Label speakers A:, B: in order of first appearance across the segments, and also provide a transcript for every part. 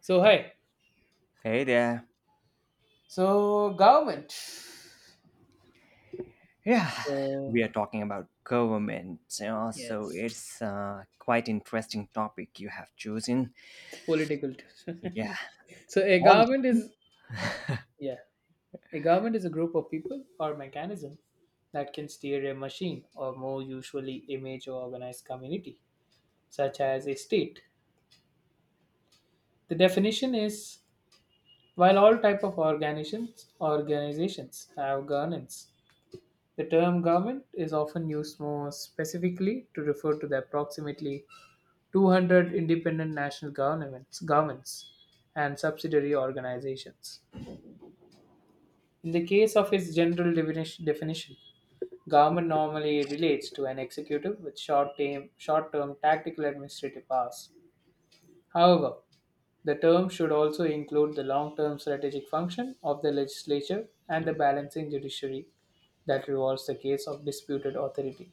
A: So hi.
B: Hey there.
A: So government.
B: Yeah,
A: So
B: we are talking about government. So
A: yes,
B: it's quite interesting topic you have chosen.
A: it's political.
B: Yeah.
A: so a
B: Well,
A: government is yeah, a government is a group of people or mechanism that can steer a machine or more usually a major organized community, such as a state. The definition is, while all type of organizations have governance, the term government is often used more specifically to refer to the approximately 200 independent national governments and subsidiary organizations. In the case of its general definition, government normally relates to an executive with short-term tactical administrative powers. However, the term should also include the long-term strategic function of the legislature and the balancing judiciary that revolves the case of disputed authority.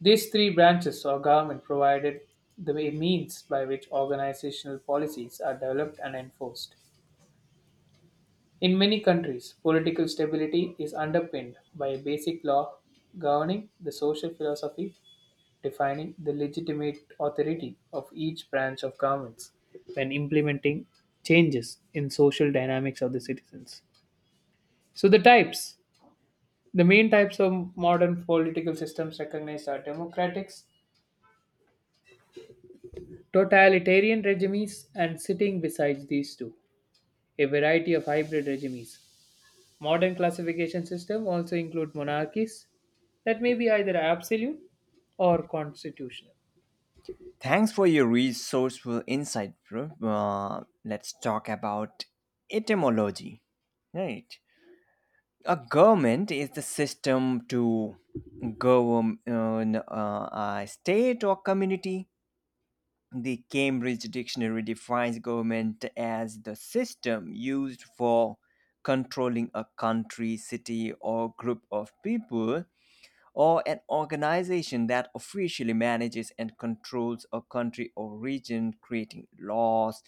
A: These three branches of government provided the means by which organizational policies are developed and enforced. In many countries, political stability is underpinned by a basic law governing the social philosophy, defining the legitimate authority of each branch of governments when implementing changes in social dynamics of the citizens. So the types, the main types of modern political systems recognized are democratics, totalitarian regimes, and sitting besides these two a variety of hybrid regimes. Modern classification system also include monarchies that may be either absolute or constitutional.
B: Thanks for your resourceful insight, bro. Let's talk about etymology. Right. A government is the system to govern a state or community. The Cambridge Dictionary defines government as the system used for controlling a country, city, or group of people, or an organization that officially manages and controls a country or region, creating laws,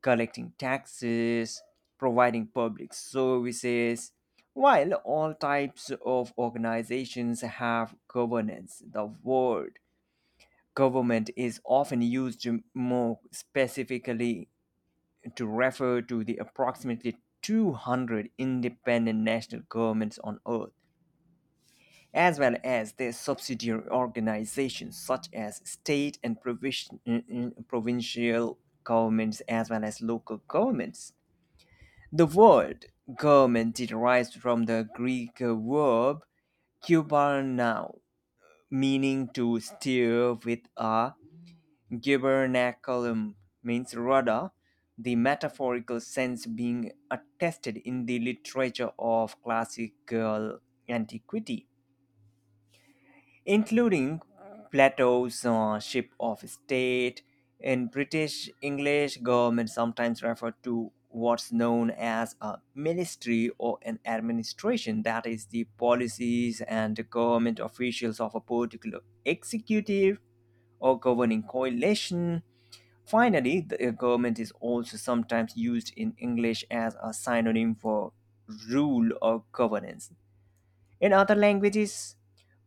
B: collecting taxes, providing public services. While all types of organizations have governance, the word government is often used more specifically to refer to the approximately 200 independent national governments on earth, as well as their subsidiary organizations such as state and provincial governments, as well as local governments. The word government derives from the Greek verb kubernao, meaning to steer with a Gubernaculum, means rather the metaphorical sense being attested in the literature of classical antiquity, including Plato's Ship of State. In British English, government sometimes referred to what's known as a ministry or an administration, that is, the policies and the government officials of a particular executive or governing coalition. Finally, the government is also sometimes used in English as a synonym for rule or governance. In other languages,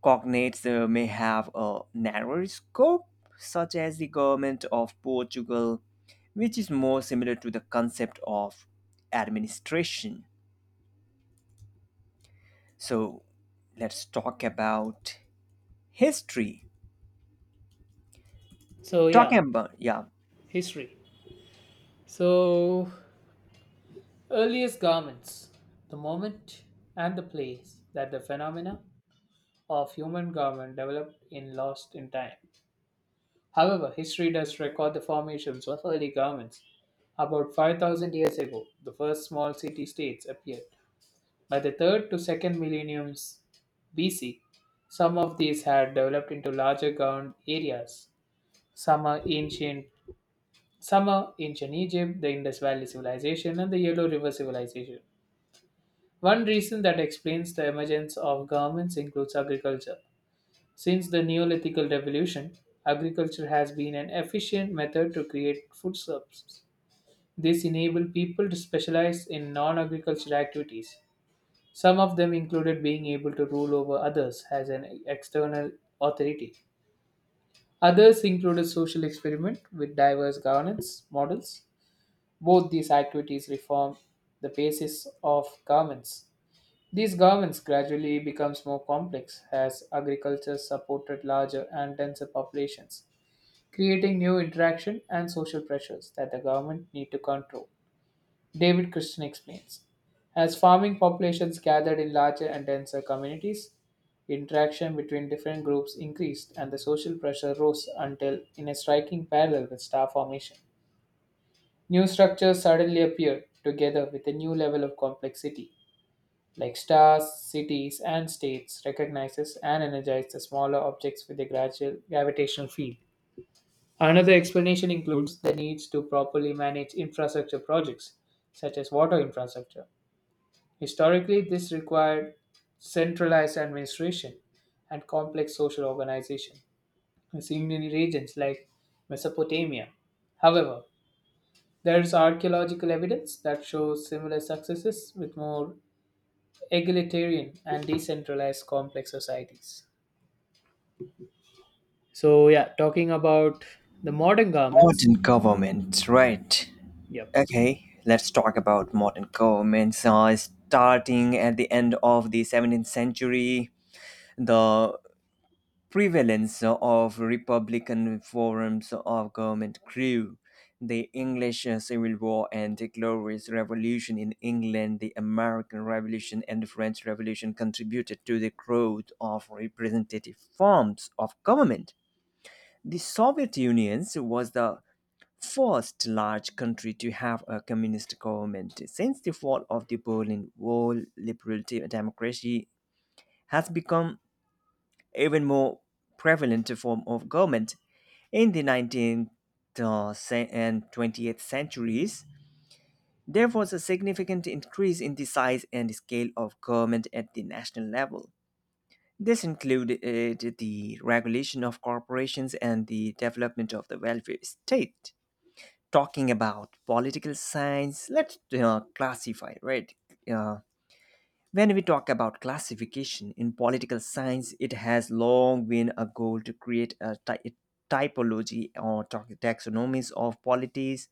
B: cognates may have a narrower scope, such as the government of Portugal, which is more similar to the concept of administration. So, let's talk about history.
A: so yeah
B: Talking about, yeah,
A: History. So earliest garments, the moment and the place that the phenomena of human garment developed in lost in time. However, history does record the formations of early governments. About 5,000 years ago, the first small city states appeared. By the 3rd to 2nd millenniums BC, some of these had developed into larger governed areas. Some are ancient, some are ancient Egypt, the Indus Valley Civilization, and the Yellow River Civilization. One reason that explains the emergence of governments includes agriculture. Since the Neolithic Revolution, agriculture has been an efficient method to create food surpluses. This enabled people to specialize in non agricultural activities. Some of them included being able to rule over others as an external authority. Others included social experiment with diverse governance models. Both these activities reform the basis of governments. These governments gradually becomes more complex as agriculture supported larger and denser populations creating new interaction and social pressures that the government need to control. David Christian explains. As farming populations gathered in larger and denser communities, interaction between different groups increased and the social pressure rose until in a striking parallel with star formation. New structures suddenly appeared together with a new level of complexity, like stars, cities, and states recognizes and energizes the smaller objects with a gradual gravitational field. Another explanation includes the needs to properly manage infrastructure projects, such as water infrastructure. Historically, this required centralized administration and complex social organization, seen in regions like Mesopotamia. However, there is archaeological evidence that shows similar successes with more egalitarian and decentralized complex societies. So, yeah, talking about the modern governments,
B: modern government, right?
A: yep.
B: Okay, let's talk about modern governments. Starting at the end of the 17th century, the prevalence of republican forms of government grew. The English Civil War and the Glorious Revolution in England, the American Revolution, and the French Revolution contributed to the growth of representative forms of government. The Soviet Union was the first large country to have a communist government. Since the fall of the Berlin Wall, liberal democracy has become even more prevalent form of government. In the 19th and 20th centuries, there was a significant increase in the size and scale of government at the national level. This included the regulation of corporations and the development of the welfare state. Talking about political science, let's classify, right? Uh, when we talk about classification in political science, it has long been a goal to create a typology or taxonomies of polities,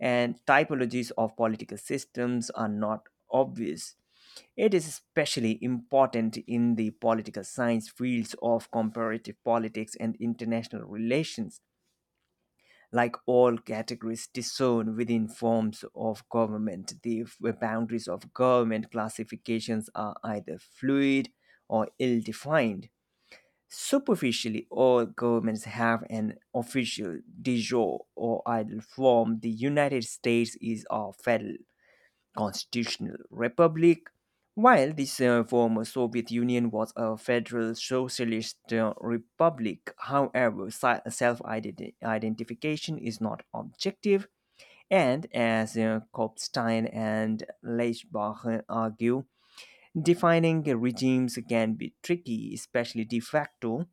B: and typologies of political systems are not obvious. It is especially important in the political science fields of comparative politics and international relations like all categories, discern within forms of government. The boundaries of government classifications are either fluid or ill defined. Superficially, all governments have an official de jure or idle form. The United States is a federal constitutional republic. While this former Soviet Union was a federal socialist republic, however, self identification is not objective, and as Kopstein and Leichbach argue, defining regimes can be tricky, especially de facto,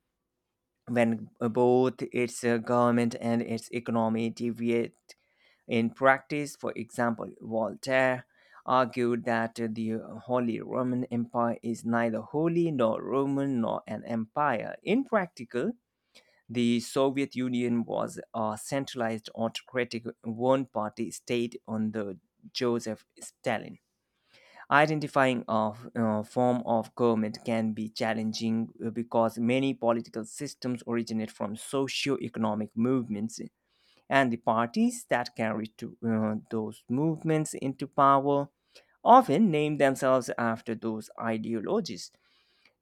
B: when both its government and its economy deviate in practice, for example, Voltaire argued that the Holy Roman Empire is neither holy nor Roman nor an empire. In practical, the Soviet Union was a centralized autocratic one party state under Joseph Stalin. Identifying a form of government can be challenging because many political systems originate from socio economic movements and the parties that carry those movements into power often name themselves after those ideologies.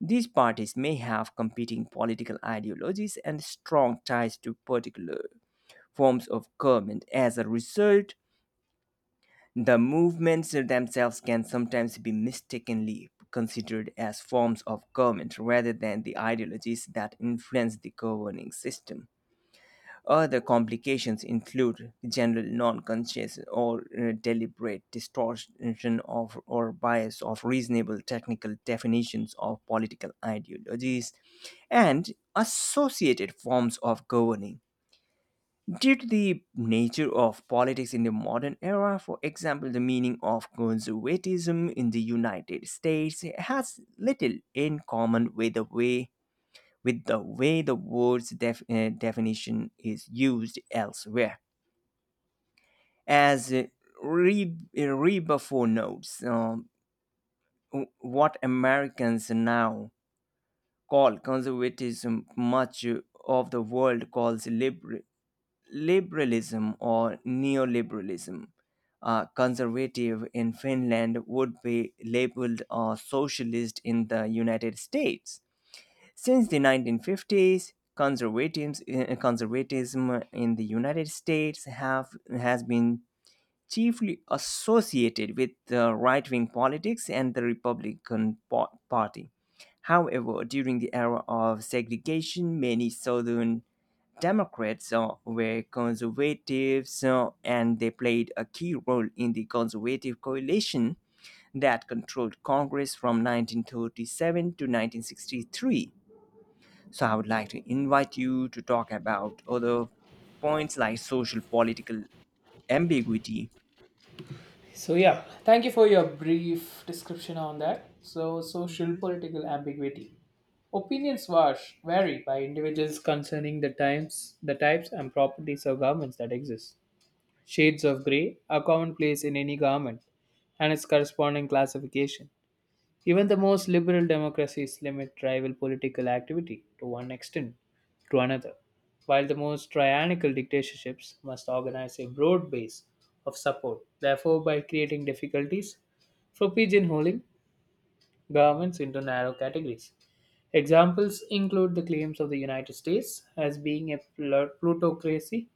B: These parties may have competing political ideologies and strong ties to particular forms of government. As a result, the movements themselves can sometimes be mistakenly considered as forms of government rather than the ideologies that influence the governing system. Other complications include general non-conscious or deliberate distortion of or bias of reasonable technical definitions of political ideologies and associated forms of governing. Due to the nature of politics in the modern era, for example, the meaning of conservatism in the United States has little in common with the way the word's definition is used elsewhere. As Rebufo notes, what Americans now call conservatism, much of the world calls liberalism or neoliberalism. Conservative in Finland would be labeled a socialist in the United States. Since the 1950s, conservatism in the United States has been chiefly associated with the right wing politics and the Republican Party. However, during the era of segregation, many Southern Democrats were conservatives and they played a key role in the conservative coalition that controlled Congress from 1937 to 1963. So I would like to invite you to talk about other points like social political ambiguity.
A: So yeah, thank you for your brief description on that. So social political ambiguity. Opinions wash, vary by individuals concerning the times, the types and properties of governments that exist. Shades of grey are commonplace in any government and its corresponding classification. Even the most liberal democracies limit rival political activity to one extent to another, while the most tyrannical dictatorships must organize a broad base of support. Therefore, by creating difficulties for pigeonholing governments into narrow categories. Examples include the claims of the United States as being a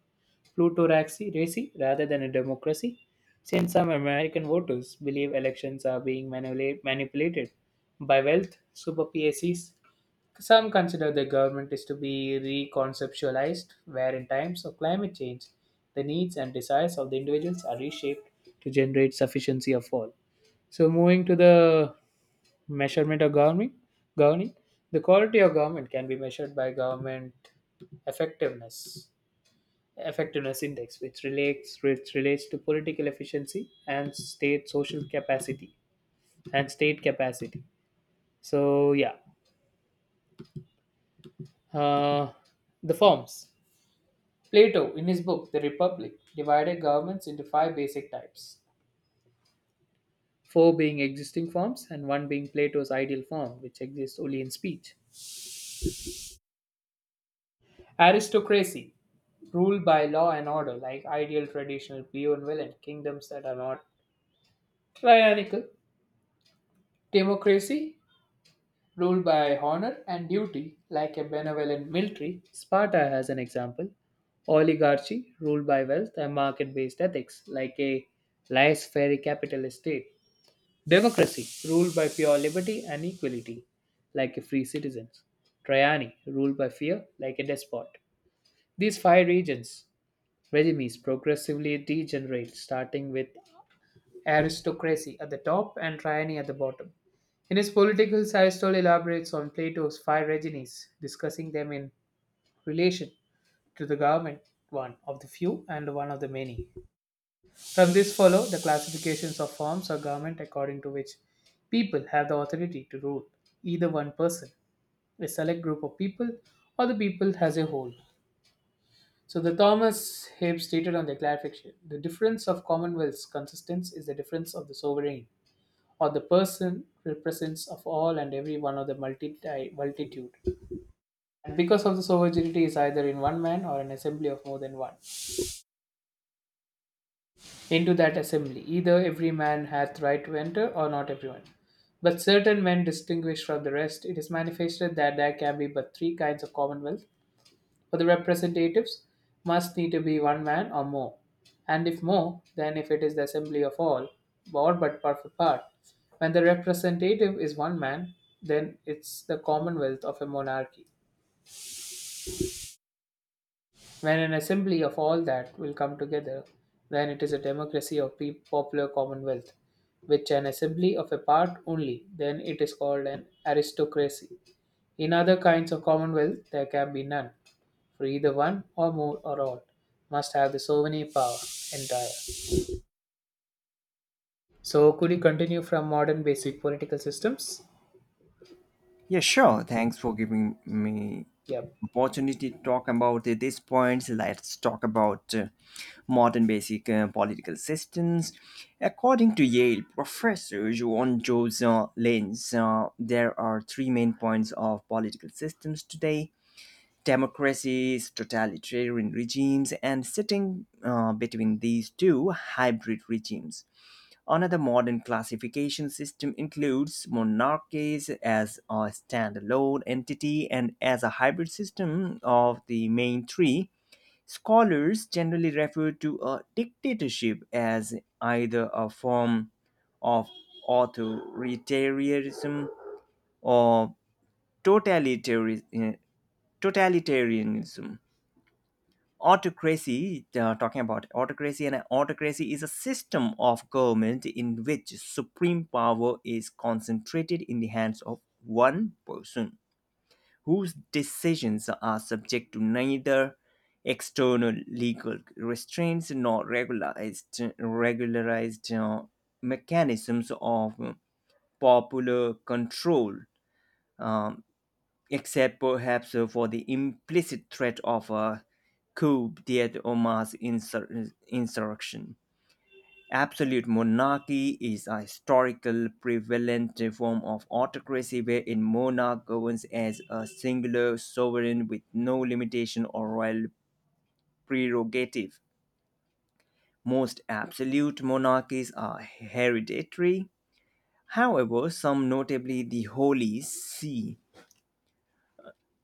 A: plutocracy rather than a democracy, since some American voters believe elections are being manipulated by wealth super PACs. Some consider the government is to be reconceptualized, where in times of climate change, the needs and desires of the individuals are reshaped to generate sufficiency of all. So moving to the measurement of governing, the quality of government can be measured by government effectiveness effectiveness index, which relates to political efficiency and state social capacity and state capacity. So yeah, uh, the forms. Plato, in his book *The Republic*, divided governments into five basic types: four being existing forms and one being Plato's ideal form, which exists only in speech. Aristocracy, ruled by law and order, like ideal traditional Peon villain kingdoms that are not tyrannical. Democracy, ruled by honor and duty, like a benevolent military, Sparta has an example. Oligarchy, ruled by wealth and market based ethics, like a laissez-faire capitalist state. Democracy, ruled by pure liberty and equality, like a free citizens. Tyranny, ruled by fear, like a despot. These five regimes progressively degenerate, starting with aristocracy at the top and tyranny at the bottom. In his Politicals, Aristotle elaborates on Plato's five regimes, discussing them in relation to the government, one of the few and one of the many. From this follow the classifications of forms of government according to which people have the authority to rule either one person, a select group of people, or the people as a whole. So the Thomas Hobbes stated on the clarification, the difference of Commonwealth's consistence is the difference of the sovereign or the person represents of all and every one of the multitude. And because of this homogeneity is either in one man or an assembly of more than one. Into that assembly, either every man hath right to enter or not everyone. But certain men distinguished from the rest, it is manifested that there can be but three kinds of commonwealth. For the representatives, must need to be one man or more, and if more, then if it is the assembly of all, or but part for part. When the representative is one man, then it's the commonwealth of a monarchy. When an assembly of all that will come together, then it is a democracy or popular commonwealth. Which an assembly of a part only, then it is called an aristocracy. In other kinds of commonwealth, there can be none, for either one or more or all must have the sovereign power entire. So, could you continue from modern basic political systems?
B: Yeah, sure. Thanks for giving me
A: Yep.
B: opportunity to talk about these points. Let's talk about modern basic political systems. According to Yale professor Joan Joseph Lenz, there are three main points of political systems today democracies, totalitarian regimes, and sitting between these two hybrid regimes. Another modern classification system includes monarchies as a standalone entity and as a hybrid system of the main three. Scholars generally refer to a dictatorship as either a form of authoritarianism or totalitarian, totalitarianism autocracy talking about autocracy and autocracy is a system of government in which supreme power is concentrated in the hands of one person whose decisions are subject to neither external legal restraints nor regularized mechanisms of popular control. Um, Except perhaps for the implicit threat of a coup d'etat or mass insurrection. Absolute monarchy is a historical prevalent form of autocracy where a monarch governs as a singular sovereign with no limitation or royal prerogative. Most absolute monarchies are hereditary. However, some, notably the Holy See,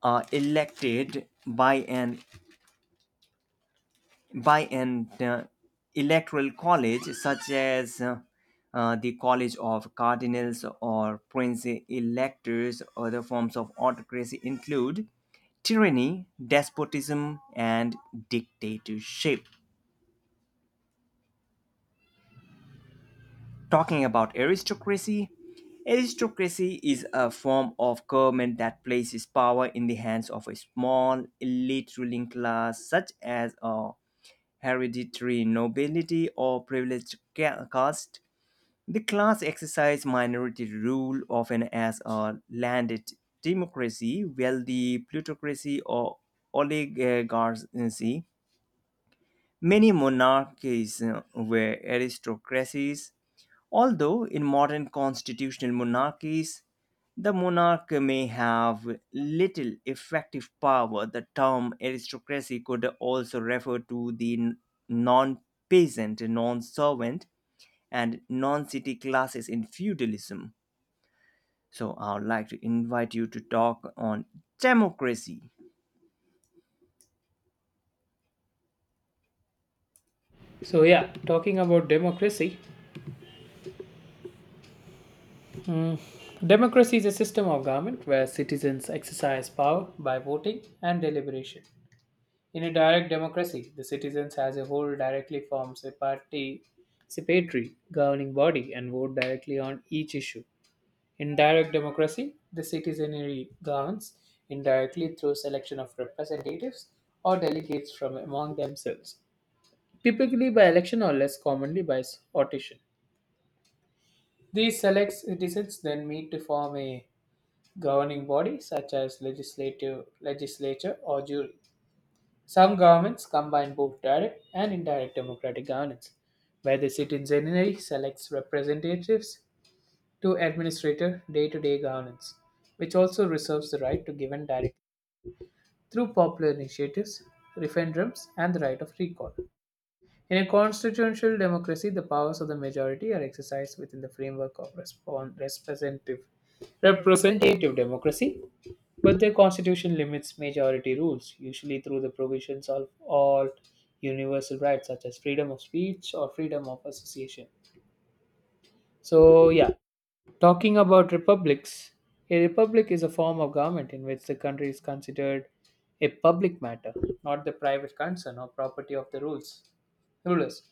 B: are elected by an electoral college such as the College of Cardinals or Prince Electors. Other forms of autocracy include tyranny, despotism, and dictatorship. Talking about aristocracy, aristocracy is a form of government that places power in the hands of a small elite ruling class, such as a hereditary nobility or privileged caste. The class exercised minority rule often as a landed democracy, wealthy plutocracy, or oligarchy. Many monarchies were aristocracies, although in modern constitutional monarchies, the monarch may have little effective power. The term aristocracy could also refer to the non peasant, non servant, and non city classes in feudalism. So, I would like to invite you to talk on democracy.
A: So, yeah, talking about democracy. mm, Democracy is a system of government where citizens exercise power by voting and deliberation. In a direct democracy, the citizens as a whole directly forms a participatory governing body and vote directly on each issue. In direct democracy, the citizenry governs indirectly through selection of representatives or delegates from among themselves, typically by election or less commonly by audition. These select citizens then meet to form a governing body such as legislative legislature or jury. Some governments combine both direct and indirect democratic governance, where the citizenry selects representatives to administrative day to day governance, which also reserves the right to give and direct through popular initiatives, referendums, and the right of recall. In a constitutional democracy, the powers of the majority are exercised within the framework of representative democracy, but the constitution limits majority rules, usually through the provisions of all universal rights such as freedom of speech or freedom of association. So yeah, talking about republics, a republic is a form of government in which the country is considered a public matter, not the private concern or property of the rulers,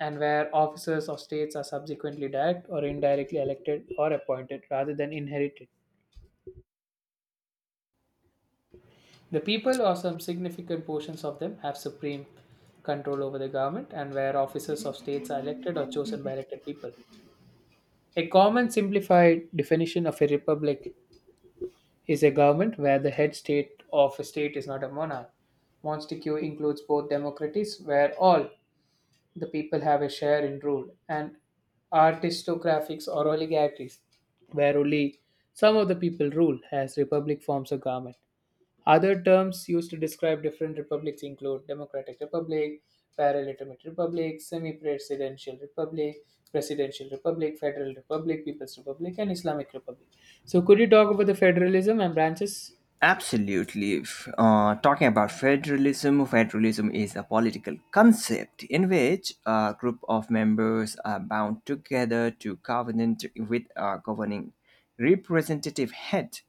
A: and where officers of states are subsequently direct or indirectly elected or appointed rather than inherited. The people or some significant portions of them have supreme control over the government and where officers of states are elected or chosen by elected people. A common simplified definition of a republic is a government where the head state of a state is not a monarch. Monarchy includes both democracies, where all the people have a share in rule, and aristocracies or oligarchies, where only some of the people rule, as republic forms of government. Other terms used to describe different republics include democratic republic, parliamentary republic, semi-presidential republic, presidential republic, federal republic, people's republic, and Islamic republic. So, could you talk about the federalism and branches?
B: Absolutely. Talking about federalism, federalism is a political concept in which a group of members are bound together to covenant with a governing representative head.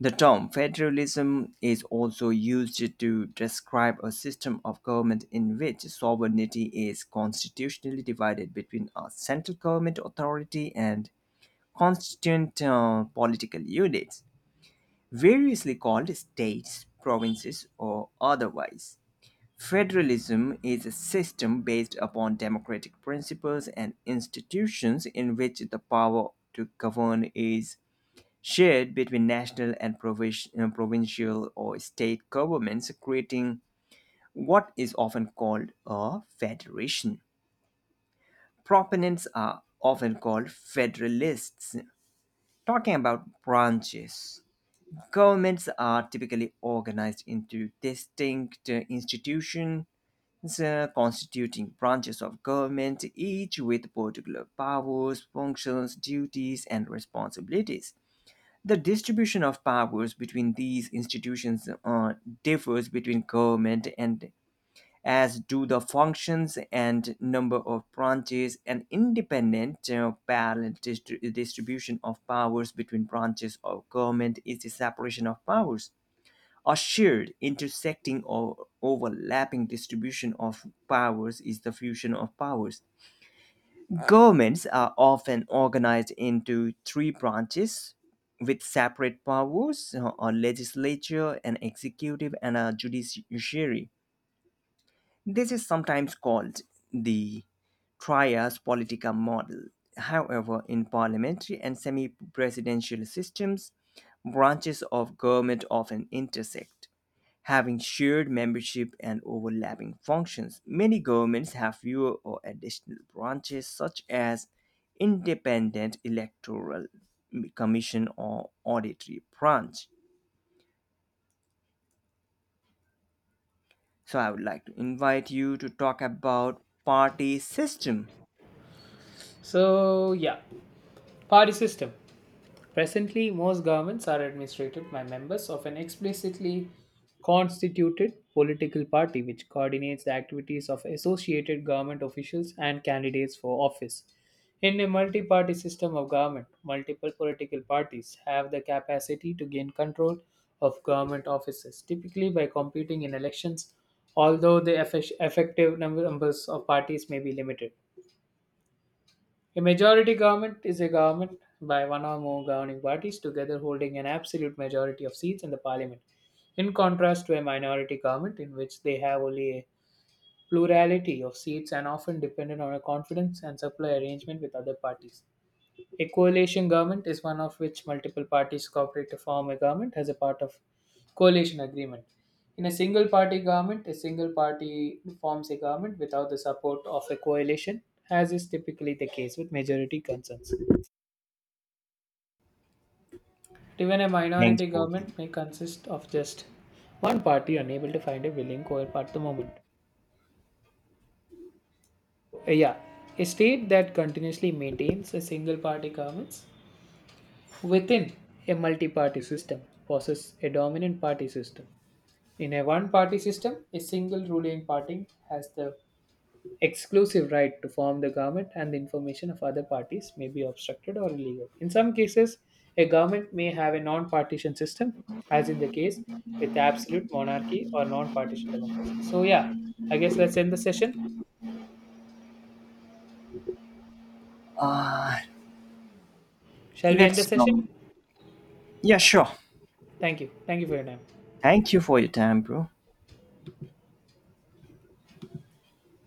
B: The term federalism is also used to describe a system of government in which sovereignty is constitutionally divided between a central government authority and constituent political units, variously called states, provinces, or otherwise. Federalism is a system based upon democratic principles and institutions in which the power to govern is shared between national and provincial or state governments, creating what is often called a federation. Proponents are often called federalists, talking about branches. Governments are typically organized into distinct institutions constituting branches of government, each with particular powers, functions, duties, and responsibilities. The distribution of powers between these institutions differs between government and as do the functions and number of branches an independent parallel distribution of powers between branches of government is the separation of powers. A shared intersecting or overlapping distribution of powers is the fusion of powers. Governments are often organized into three branches with separate powers a legislature, an executive, and a judiciary. This is sometimes called the trias politica model. However, in parliamentary and semi presidential systems, branches of government often intersect. Having shared membership and overlapping functions, many governments have fewer or additional branches, such as independent electoral commission or auditory branch. So, I would like to invite you to talk about party system.
A: So, yeah, party system. Presently, most governments are administered by members of an explicitly constituted political party which coordinates the activities of associated government officials and candidates for office. In a multi party system of government, multiple political parties have the capacity to gain control of government offices, typically by competing in elections, although the numbers of parties may be limited. A majority government is a government by one or more governing parties together holding an absolute majority of seats in the parliament, in contrast to a minority government in which they have only a plurality of seats and often dependent on a confidence and supply arrangement with other parties. A coalition government is one of which multiple parties cooperate to form a government as a part of coalition agreement. In a single party government, a single party forms a government without the support of a coalition, as is typically the case with majority concerns. Even a
B: Thanks,
A: minority
B: Bodhi.
A: government may consist of just one party unable to find a willing co-op at the moment. So, yeah, a state that continuously maintains a single party governments within a multi party system possesses a dominant party system. In a one party system, a single ruling party has the exclusive right to form the government, and the information of other parties may be obstructed or illegal. In some cases, a government may have a non partition system, as in the case with absolute monarchy or non partition democracy. So, yeah, I guess let's end the session.
B: Uh,
A: Shall we end the
B: that's
A: session?
B: Yeah, sure.
A: Thank you. Thank you for your time.
B: Thank you for your time, bro.